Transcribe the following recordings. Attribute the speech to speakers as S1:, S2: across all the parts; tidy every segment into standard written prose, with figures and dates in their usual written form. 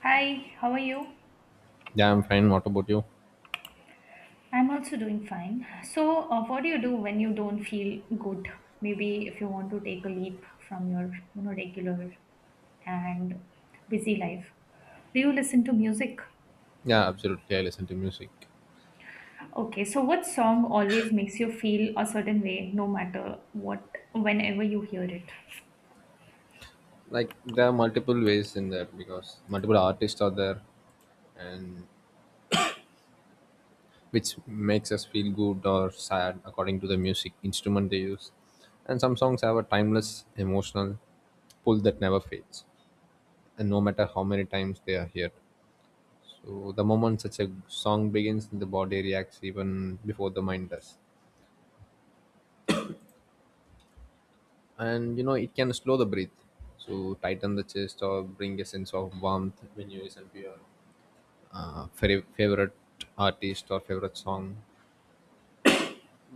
S1: Hi, how are you?
S2: Yeah, I'm fine. What about you?
S1: I'm also doing fine. What do you do when you don't feel good? Maybe if you want to take a leap from your regular and busy life. Do you listen to music?
S2: Yeah, absolutely. I listen to music.
S1: Okay, so what song always makes you feel a certain way, no matter what, whenever you hear it?
S2: Like there are multiple ways in that because multiple artists are there, and which makes us feel good or sad according to the music instrument they use. And some songs have a timeless emotional pull that never fades, and no matter how many times they are heard. So the moment such a song begins, the body reacts even before the mind does. And you know it can slow the breath, so tighten the chest or bring a sense of warmth when you listen to your favorite artist or favorite song.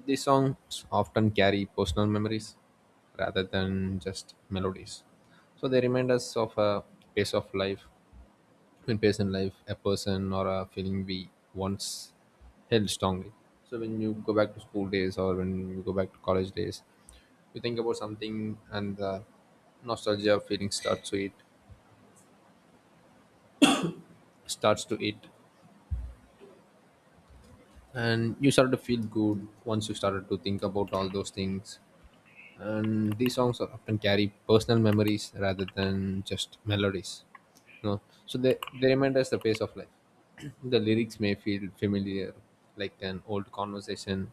S2: These songs often carry personal memories rather than just melodies, so they remind us of a pace of life, in life, a person or a feeling we once held strongly. So when you go back to school days or when you go back to college days, you think about something and the nostalgia feeling starts to it And you start to feel good once you started to think about all those things. And these songs are often carry personal memories rather than just melodies, so they remind us the pace of life. The lyrics may feel familiar, like an old conversation.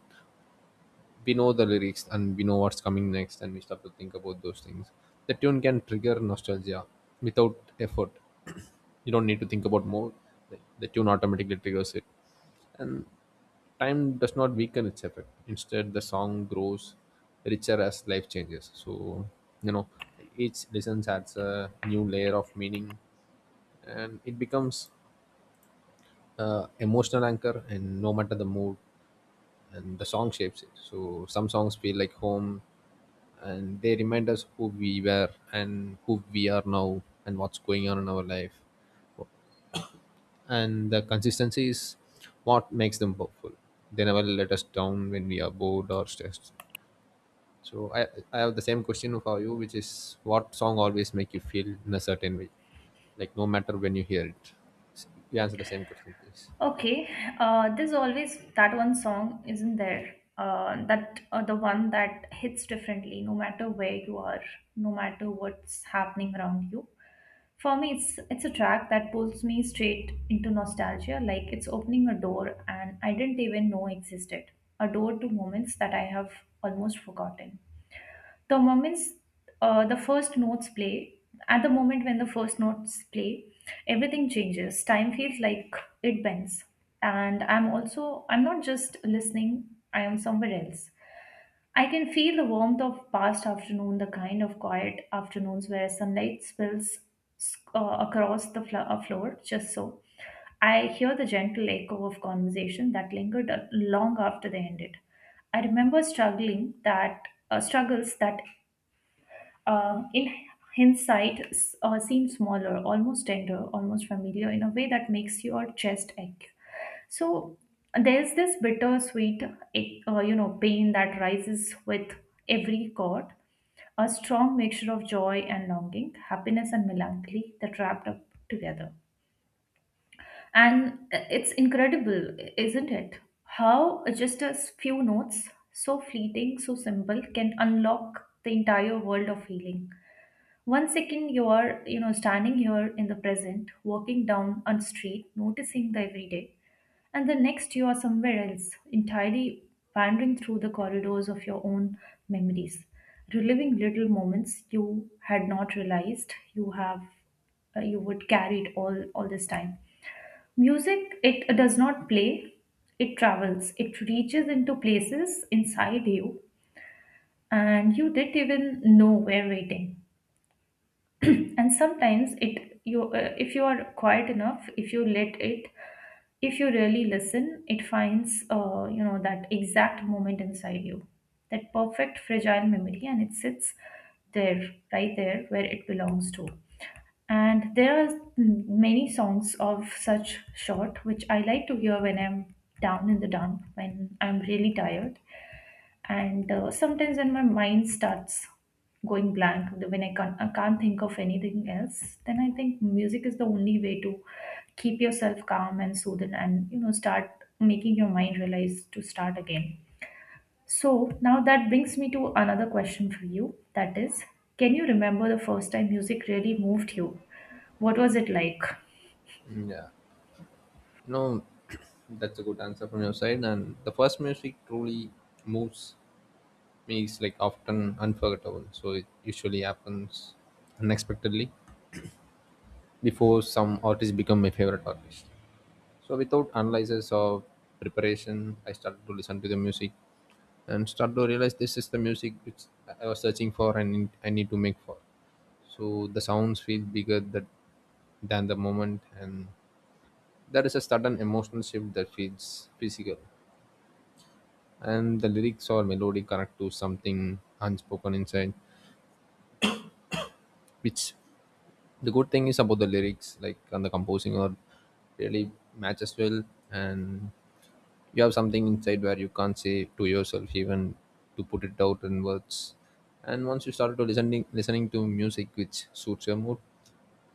S2: We know the lyrics and we know what's coming next, and we start to think about those things. The tune can trigger nostalgia without effort. You don't need to think about more. The tune automatically triggers it. Time does not weaken its effect; instead, the song grows richer as life changes. So you know each listen adds a new layer of meaning, and it becomes emotional anchor, and no matter the mood, and the song shapes it. So some songs feel like home, and they remind us who we were and who we are now and what's going on in our life. And the consistency is what makes them powerful. They never let us down when we are bored or stressed. So I have the same question for you, which is, what song always make you feel in a certain way? Like no matter when you hear it. You answer the same question, please.
S1: Okay, there's always that one song, isn't there? That The one that hits differently, no matter where you are, no matter what's happening around you. For me, it's a track that pulls me straight into nostalgia, like it's opening a door and I didn't even know existed, a door to moments that I have almost forgotten the moments the first notes play at the moment when the first notes play, everything changes. Time feels like it bends, and I'm not just listening, I am somewhere else. I can feel the warmth of past afternoon, the kind of quiet afternoons where sunlight spills across the floor just so. I hear the gentle echo of conversation that lingered long after they ended. I remember struggling that struggles that in hindsight seem smaller, almost tender, almost familiar in a way that makes your chest ache. So there's this bittersweet, pain that rises with every chord, a strong mixture of joy and longing, happiness and melancholy that wrapped up together. And It's incredible, isn't it? How just a few notes, so fleeting, so simple, can unlock the entire world of feeling. One second you are standing here in the present, walking down a street, noticing the everyday, and the next you are somewhere else, entirely wandering through the corridors of your own memories, reliving little moments you had not realized you have you would carried all this time. Music, it does not play, it travels, it reaches into places inside you, and you didn't even know were waiting. And sometimes it you if you are quiet enough, if you let it, if you really listen, it finds that exact moment inside you, that perfect fragile memory, and it sits there, right there where it belongs to. And there are many songs of such sort which I like to hear when I'm down in the dump, when I'm really tired, and sometimes when my mind starts going blank, when I can't think of anything else, then I think music is the only way to keep yourself calm and soothed, and you know, start making your mind realize to start again. So now that brings me to another question for you, that is, can you remember the first time music really moved you? What was it like?
S2: Yeah. No, that's a good answer from your side. And the first music truly moves me is like often unforgettable. So it usually happens unexpectedly, before some artist become my favorite artist. So without analysis or preparation, I started to listen to the music and start to realize this is the music which I was searching for and I need to make for. So the sounds feel bigger than the moment, and there is a sudden emotional shift that feels physical. And the lyrics or melody connect to something unspoken inside, which, the good thing is about the lyrics like and the composing or really matches well. And you have something inside where you can't say to yourself even, to put it out in words. And once you start to listening to music which suits your mood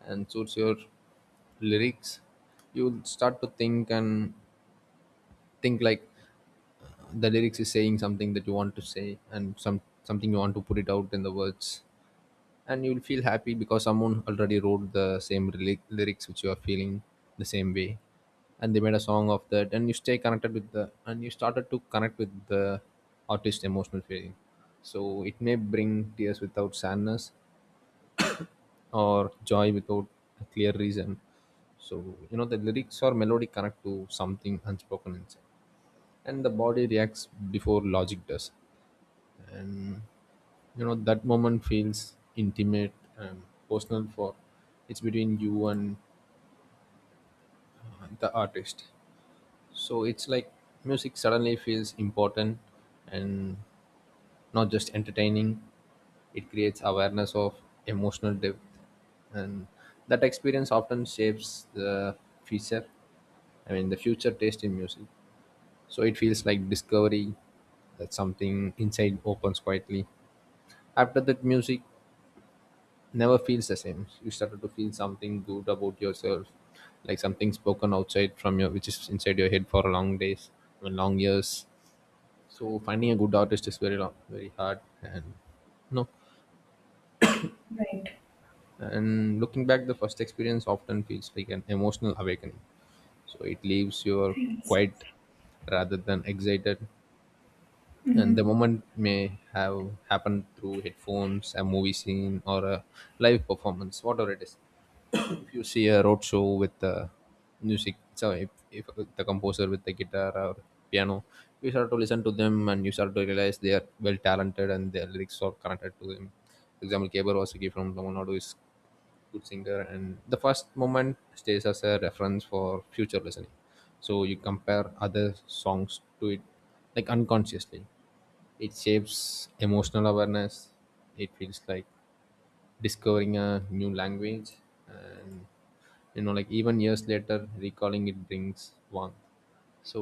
S2: and suits your lyrics, you'll start to think, and think like the lyrics is saying something that you want to say and some something you want to put it out in the words. And you'll feel happy because someone already wrote the same lyrics which you are feeling the same way, and they made a song of that, and you stay connected with the and you started to connect with the artist emotional feeling. So it may bring tears without sadness, or joy without a clear reason. So the lyrics or melody connect to something unspoken inside, and the body reacts before logic does. And that moment feels intimate and personal, for it's between you and the artist. So it's like music suddenly feels important, and not just entertaining. It creates awareness of emotional depth, and that experience often shapes the future. I mean the future taste in music. So it feels like discovery, that something inside opens quietly. After that, music never feels the same. You started to feel something good about yourself, like something spoken outside from your, which is inside your head for long days, I mean, long years. So finding a good artist is very long, very hard, and no.
S1: Right.
S2: And looking back, the first experience often feels like an emotional awakening. So it leaves you
S1: Yes.
S2: quiet rather than excited. And the
S1: Mhm.
S2: moment may have happened through headphones, a movie scene, or a live performance, whatever it is. If you see a road show with the music, so if the composer with the guitar or piano, you start to listen to them and you start to realize they are well talented and their lyrics are connected to them. For example, Keber Wasaki from Tamil Nadu is good singer, and the first moment stays as a reference for future listening. So you compare other songs to it, like unconsciously it shapes emotional awareness. It feels like discovering a new language. And like even years later, recalling it brings warmth. So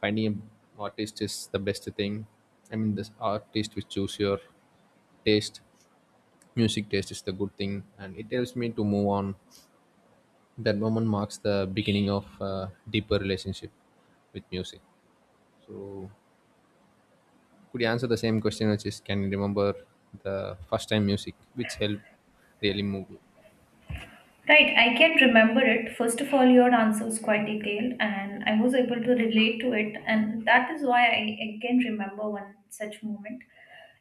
S2: finding an artist is the best thing. I mean this artist which choose your taste, music taste is the good thing and it helps me to move on. That moment marks the beginning of a deeper relationship with music. So could you answer the same question, which is, can you remember the first time music which helped really move you?
S1: Right, I can remember it. First of all, your answer was quite detailed and I was able to relate to it, and that is why I can remember one such moment.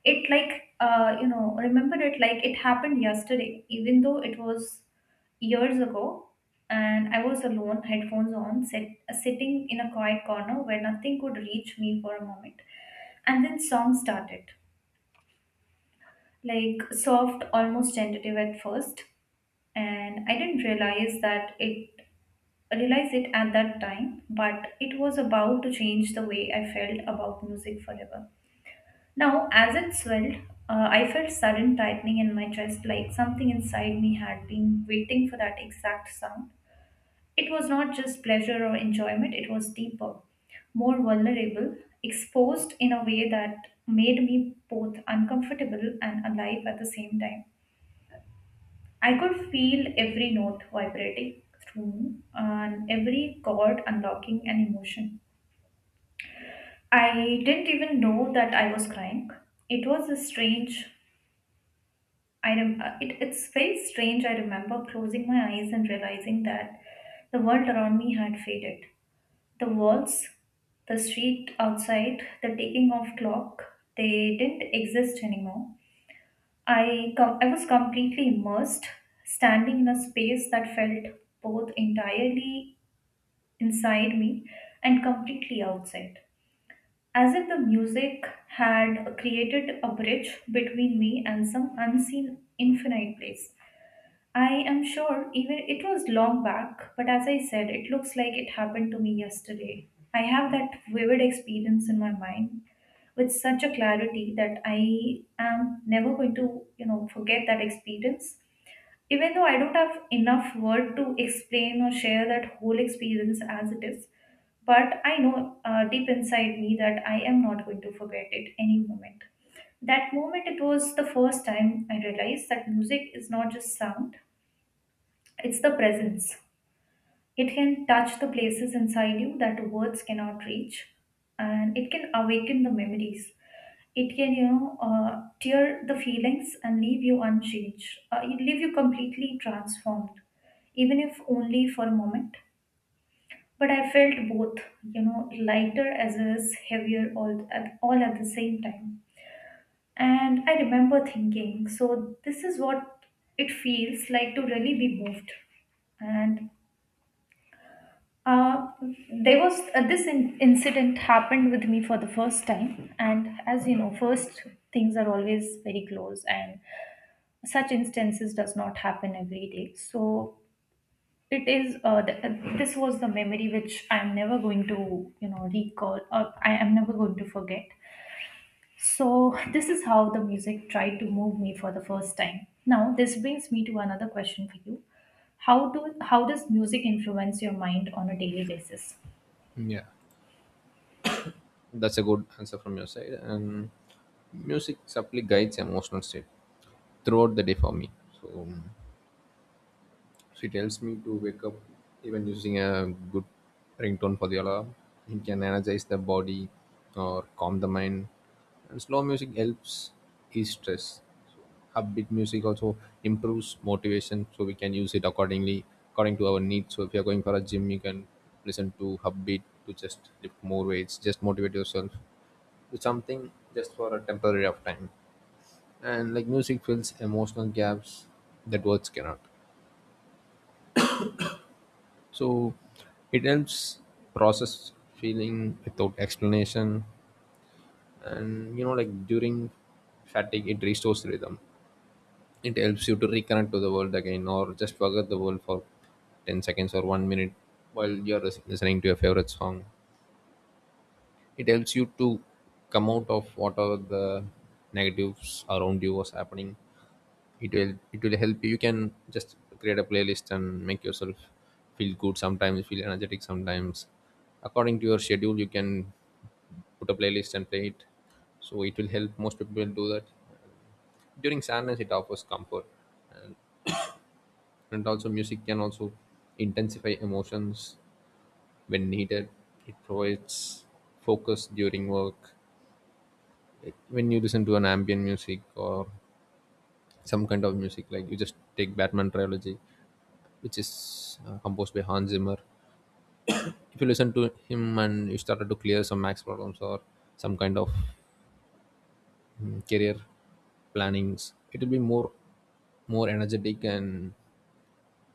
S1: It like remember it like it happened yesterday, even though it was years ago. And I was alone, headphones on, sitting in a quiet corner where nothing could reach me for a moment. And then song started, like soft, almost tentative at first, and I didn't realize it at that time, but it was about to change the way I felt about music forever. Now, as it swelled, I felt sudden tightening in my chest, like something inside me had been waiting for that exact sound. It was not just pleasure or enjoyment; it was deeper, more vulnerable, exposed in a way that made me both uncomfortable and alive at the same time. I could feel every note vibrating through me, and every chord unlocking an emotion. I didn't even know that I was crying. It was a strange. It's very strange. I remember closing my eyes and realizing that the world around me had faded. The walls, the street outside, the ticking of clock, they didn't exist anymore. I was completely immersed, standing in a space that felt both entirely inside me and completely outside, as if the music had created a bridge between me and some unseen infinite place. I am sure even it was long back, but as I said, it looks like it happened to me yesterday. I have that vivid experience in my mind with such a clarity that I am never going to, you know, forget that experience. Even though I don't have enough word to explain or share that whole experience as it is, but I know deep inside me that I am not going to forget it any moment. That moment, it was the first time I realized that music is not just sound, it's the presence. It can touch the places inside you that words cannot reach, and it can awaken the memories. It can, you know, tear the feelings and leave you unchanged. It leave you completely transformed, even if only for a moment. But I felt both, you know, lighter as well as heavier all at the same time. And I remember thinking, so this is what it feels like to really be moved. And uh, there was incident happened with me for the first time, and as you know, first things are always very close, and such instances does not happen every day. So it is. This was the memory which I am never going to, you know, recall, or I am never going to forget. So this is how the music tried to move me for the first time. Now this brings me to another question for you. How does music influence your mind on a daily basis?
S2: Yeah. That's a good answer from your side. And music subtly guides emotional state throughout the day for me. So she tells me to wake up, even using a good ringtone for the alarm. It can energize the body or calm the mind. And slow music helps ease stress. So upbeat music also improves motivation, so we can use it accordingly, according to our needs. So if you are going for a gym, you can listen to upbeat to just lift more weights, just motivate yourself to something just for a temporary of time. And like music fills emotional gaps that words cannot, so it helps process feeling without explanation. And like during fatigue, it restores rhythm. It helps you to reconnect to the world again, or just forget the world for 10 seconds or 1 minute while you're listening to your favorite song. It helps you to come out of whatever the negatives around you was happening. It will help you. You can just create a playlist and make yourself feel good sometimes, feel energetic sometimes. According to your schedule, you can put a playlist and play it. So it will help, most people do that. During sadness it offers comfort, and, and also music can also intensify emotions when needed. It provides focus during work. When you listen to an ambient music or some kind of music, like you just take Batman trilogy, which is composed by Hans Zimmer. If you listen to him and you started to clear some max problems, or some kind of career plannings, it will be more energetic and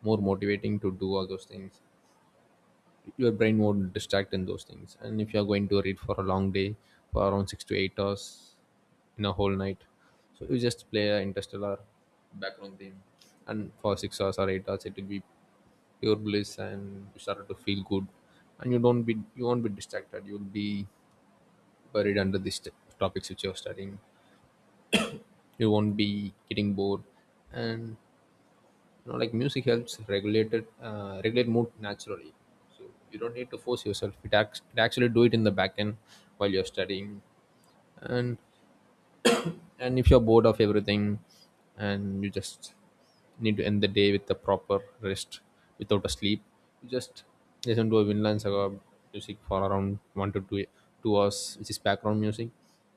S2: more motivating to do all those things. Your brain won't distract in those things. And if you are going to read for a long day, for around 6 to 8 hours in a whole night, so you just play a interstellar background theme, and for 6 hours or 8 hours, it will be your bliss and you started to feel good. And you won't be distracted, you'll be buried under these topics which you're studying. You won't be getting bored. And like music helps regulate mood naturally. So you don't need to force yourself, it actually do it in the back end while you're studying. and and if you're bored of everything, and you just need to end the day with a proper rest without a sleep, you just listen to a Vinland Saga music for around one to two hours, which is background music,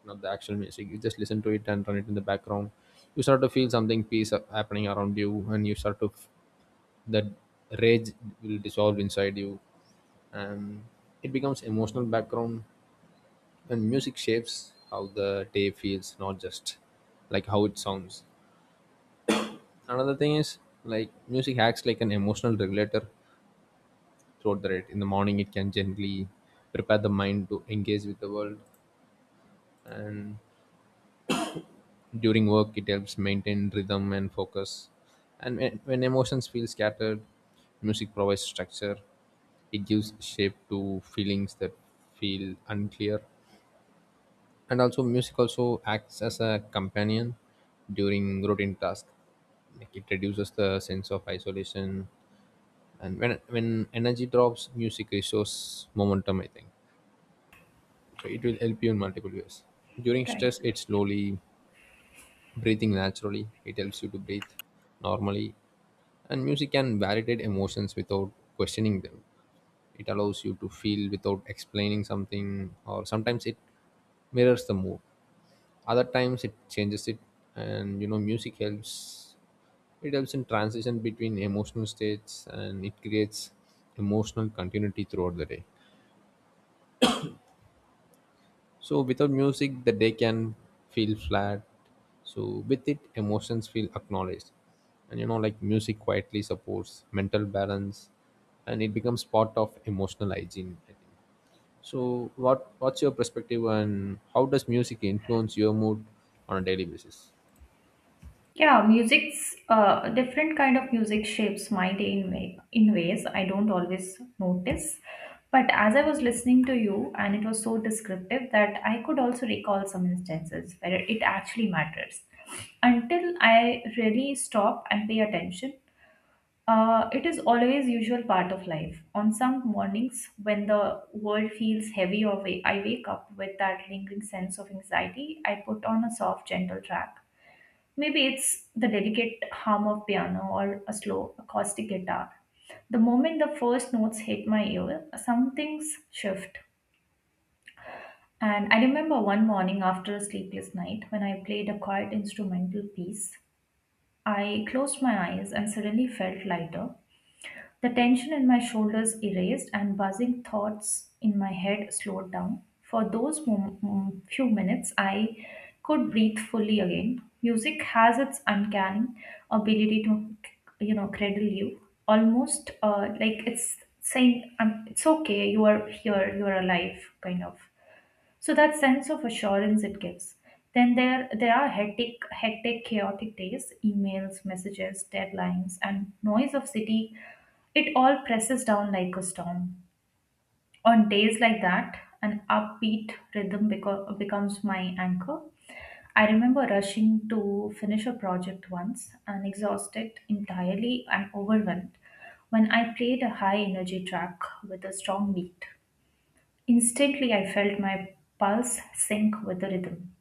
S2: not the actual music, you just listen to it and run it in the background. You start to feel something peace happening around you, and you start to that rage will dissolve inside you. And it becomes emotional background. And music shapes how the day feels, not just like how it sounds. Another thing is like music acts like an emotional regulator throughout the day. In the morning it can gently prepare the mind to engage with the world. And during work it helps maintain rhythm and focus. And when emotions feel scattered, music provides structure. It gives shape to feelings that feel unclear. And also music also acts as a companion during routine tasks, like it reduces the sense of isolation. And when energy drops, music restores momentum, I think. So it will help you in multiple ways. During
S1: Right.
S2: stress, it's slowly breathing naturally. It helps you to breathe normally, and music can validate emotions without questioning them. It allows you to feel without explaining something, or sometimes it mirrors the mood, other times it changes it. And music helps, it helps in transition between emotional states, and it creates emotional continuity throughout the day. So without music the day can feel flat, so with it emotions feel acknowledged. And music quietly supports mental balance, and it becomes part of emotional hygiene, I think. So what's your perspective and how does music influence your mood on a daily basis?
S1: Yeah, music's different kind of music shapes my day in in ways I don't always notice. But as I was listening to you, and it was so descriptive that I could also recall some instances where it actually matters. Until I really stop and pay attention, it is always usual part of life. On some mornings when the world feels heavy, or I wake up with that lingering sense of anxiety, I put on a soft, gentle track. Maybe it's the delicate hum of piano or a slow acoustic guitar. The moment the first notes hit my ear, some things shift. And I remember one morning after a sleepless night when I played a quiet instrumental piece, I closed my eyes and suddenly felt lighter, the tension in my shoulders erased and buzzing thoughts in my head slowed down. For those few minutes, I could breathe fully again. Music has its uncanny ability to, you know, cradle you, almost like it's saying, "It's okay, you are here, you are alive," kind of. So that sense of assurance it gives. Then there are hectic, chaotic days, emails, messages, deadlines, and noise of city. It all presses down like a storm. On days like that, an upbeat rhythm becomes my anchor. I remember rushing to finish a project once and exhausted entirely and overwhelmed when I played a high energy track with a strong beat. Instantly, I felt my pulse sync with the rhythm,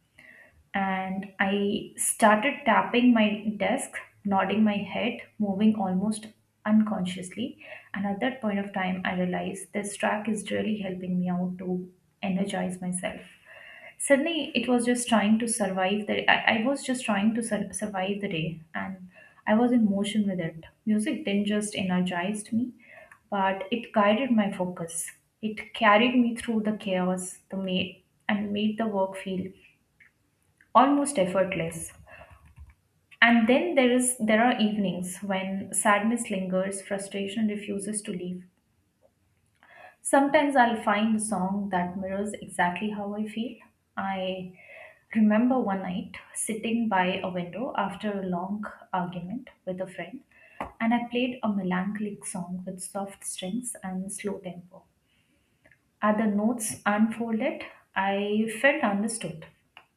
S1: and I started tapping my desk, nodding my head, moving almost unconsciously. And at that point of time, I realized this track is really helping me out to energize myself. Suddenly it was just trying to survive the I was just trying to survive the day, and I was in motion with it. Music didn't just energized me, but it guided my focus. It carried me through the chaos, and made the work feel almost effortless. And then there are evenings when sadness lingers, frustration refuses to leave. Sometimes I'll find a song that mirrors exactly how I feel. I remember one night sitting by a window after a long argument with a friend, and I played a melancholic song with soft strings and slow tempo. As the notes unfolded, I felt understood.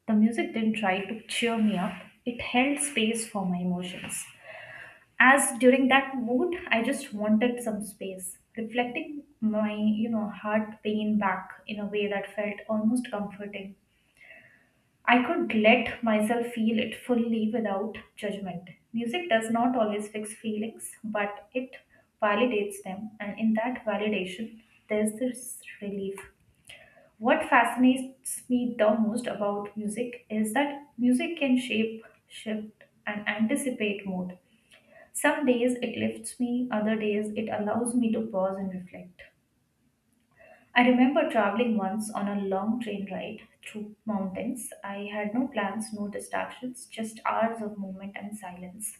S1: The music didn't try to cheer me up, it held space for my emotions, as during that mood I just wanted some space reflecting my, you know, heart pain back in a way that felt almost comforting. I could let myself feel it fully without judgment. Music does not always fix feelings, but it validates them, and in that validation there's this relief. What fascinates me the most about music is that music can shape shift and anticipate mood. Some days it lifts me, other days it allows me to pause and reflect. I remember traveling once on a long train ride through mountains. I had no plans, no distractions, just hours of movement and silence.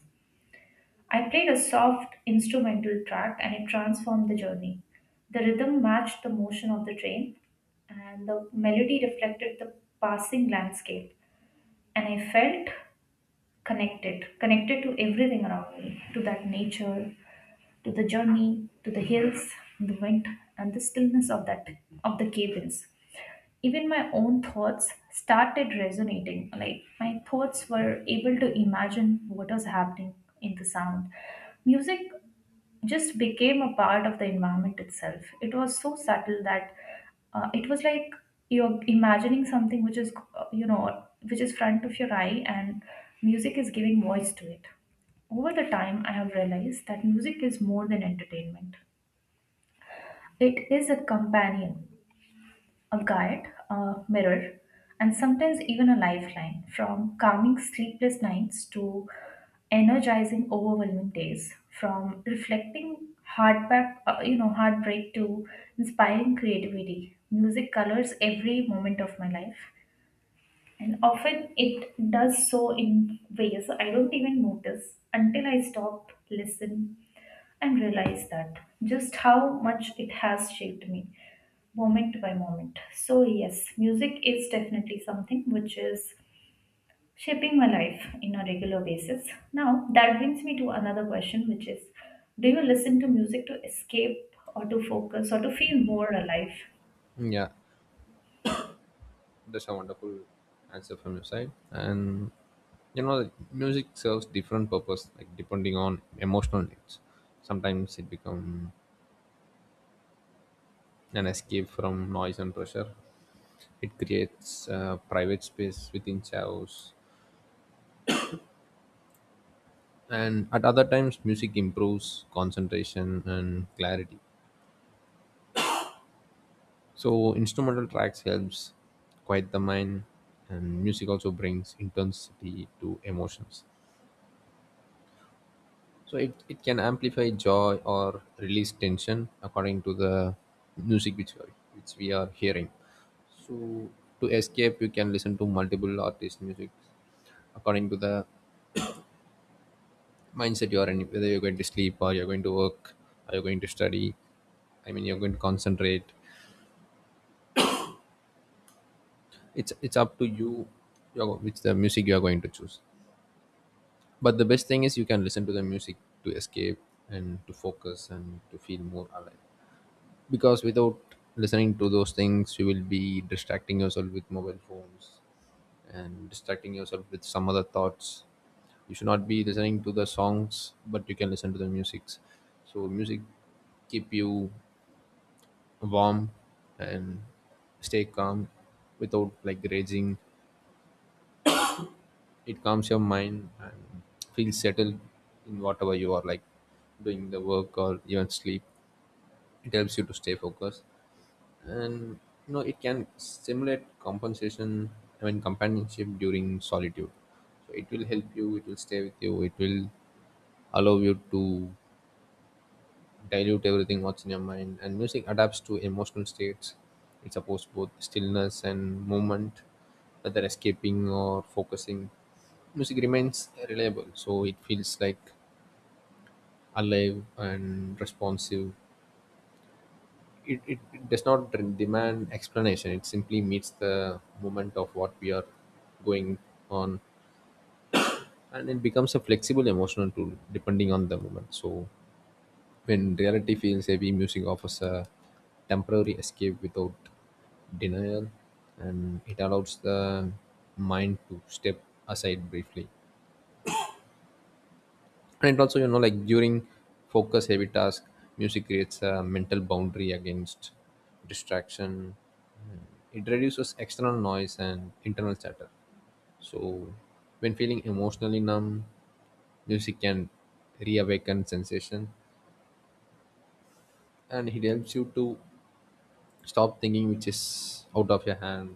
S1: I played a soft instrumental track and it transformed the journey. The rhythm matched the motion of the train, and the melody reflected the passing landscape. And I felt connected, connected to everything around me, to that nature, to the journey, to the hills, the wind, and the stillness of that of the cabins. Even my own thoughts started resonating. Like my thoughts were able to imagine what was happening in the sound. Music just became a part of the environment itself. It was so subtle that it was like you're imagining something which is, which is front of your eye, and music is giving voice to it. Over the time, I have realized that music is more than entertainment. It is a companion, a guide, a mirror, and sometimes even a lifeline, from calming sleepless nights to energizing overwhelming days, from reflecting heartbreak to inspiring creativity. Music colors every moment of my life. And often it does so in ways I don't even notice until I stop, listen, and realize that just how much it has shaped me moment by moment. So, yes, music is definitely something which is shaping my life in a regular basis. Now, that brings me to another question, which is, do you listen to music to escape or to focus or to feel more alive?
S2: Yeah. That's a wonderful answer from your side. And music serves different purpose, like depending on emotional needs. Sometimes it becomes an escape from noise and pressure. It creates private space within chaos. And at other times, music improves concentration and clarity. So instrumental tracks helps quiet the mind, and music also brings intensity to emotions. So it can amplify joy or release tension according to the music which we are hearing. So to escape, you can listen to multiple artist music according to the mindset you are in. Whether you're going to sleep or you're going to work or you're going to study, I mean you're going to concentrate. It's up to you, your, which the music you are going to choose. But the best thing is you can listen to the music to escape and to focus and to feel more alive, because without listening to those things you will be distracting yourself with mobile phones and distracting yourself with some other thoughts. You should not be listening to the songs, but you can listen to the musics. So music keep you warm and stay calm without like raging. It calms your mind and feel settled in whatever you are like doing the work or even sleep. It helps you to stay focused, and it can simulate compensation, I mean companionship during solitude. So it will help you, it will stay with you, it will allow you to dilute everything what's in your mind. And music adapts to emotional states, it supports both stillness and movement. Whether escaping or focusing, music remains reliable, so it feels like alive and responsive. It does not demand explanation, it simply meets the moment of what we are going on. And it becomes a flexible emotional tool depending on the moment. So when reality feels heavy, music offers a temporary escape without denial, and it allows the mind to step aside briefly. And also during focus heavy task, music creates a mental boundary against distraction. It reduces external noise and internal chatter. So when feeling emotionally numb, music can reawaken sensation, and it helps you to stop thinking which is out of your hand.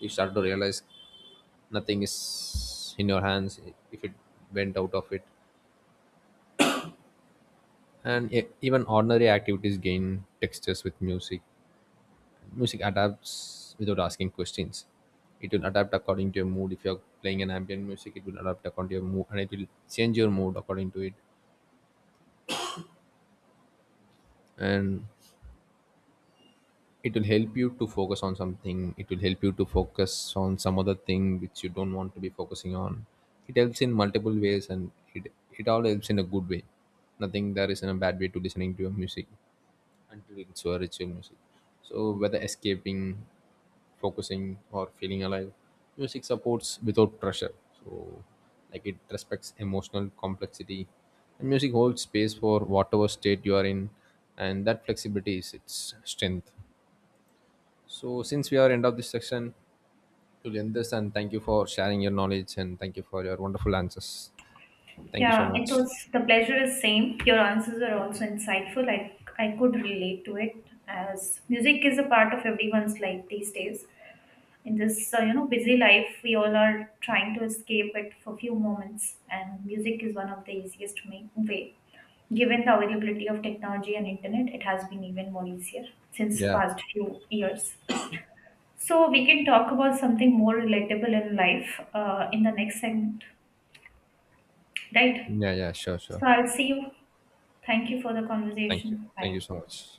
S2: You start to realize nothing is in your hands if it went out of it. And even ordinary activities gain textures with music. Music adapts without asking questions, it will adapt according to your mood. If you're playing an ambient music, it will adapt according to your mood and it will change your mood according to it. And it will help you to focus on something, it will help you to focus on some other thing which you don't want to be focusing on. It helps in multiple ways, and it all helps in a good way. Nothing there is in a bad way to listening to your music, until it's a ritual music. So whether escaping, focusing, or feeling alive, music supports without pressure. So like it respects emotional complexity. And music holds space for whatever state you are in, and that flexibility is its strength. So since we are end of this section, you'll end this, and thank you for sharing your knowledge and thank you for your wonderful answers. Thank you so
S1: Yeah, it
S2: much.
S1: was the pleasure is same. Your answers are also insightful. I could relate to it as music is a part of everyone's life these days. In this busy life, we all are trying to escape it for few moments, and music is one of the easiest way. Given the availability of technology and internet, it has been even more easier since
S2: Yeah.
S1: past few years. So we can talk about something more relatable in life in the next segment, right?
S2: Yeah, yeah, sure, sure.
S1: So I'll see you. Thank you for the
S2: Thank you.
S1: conversation.
S2: Thank you
S1: Bye.
S2: so much.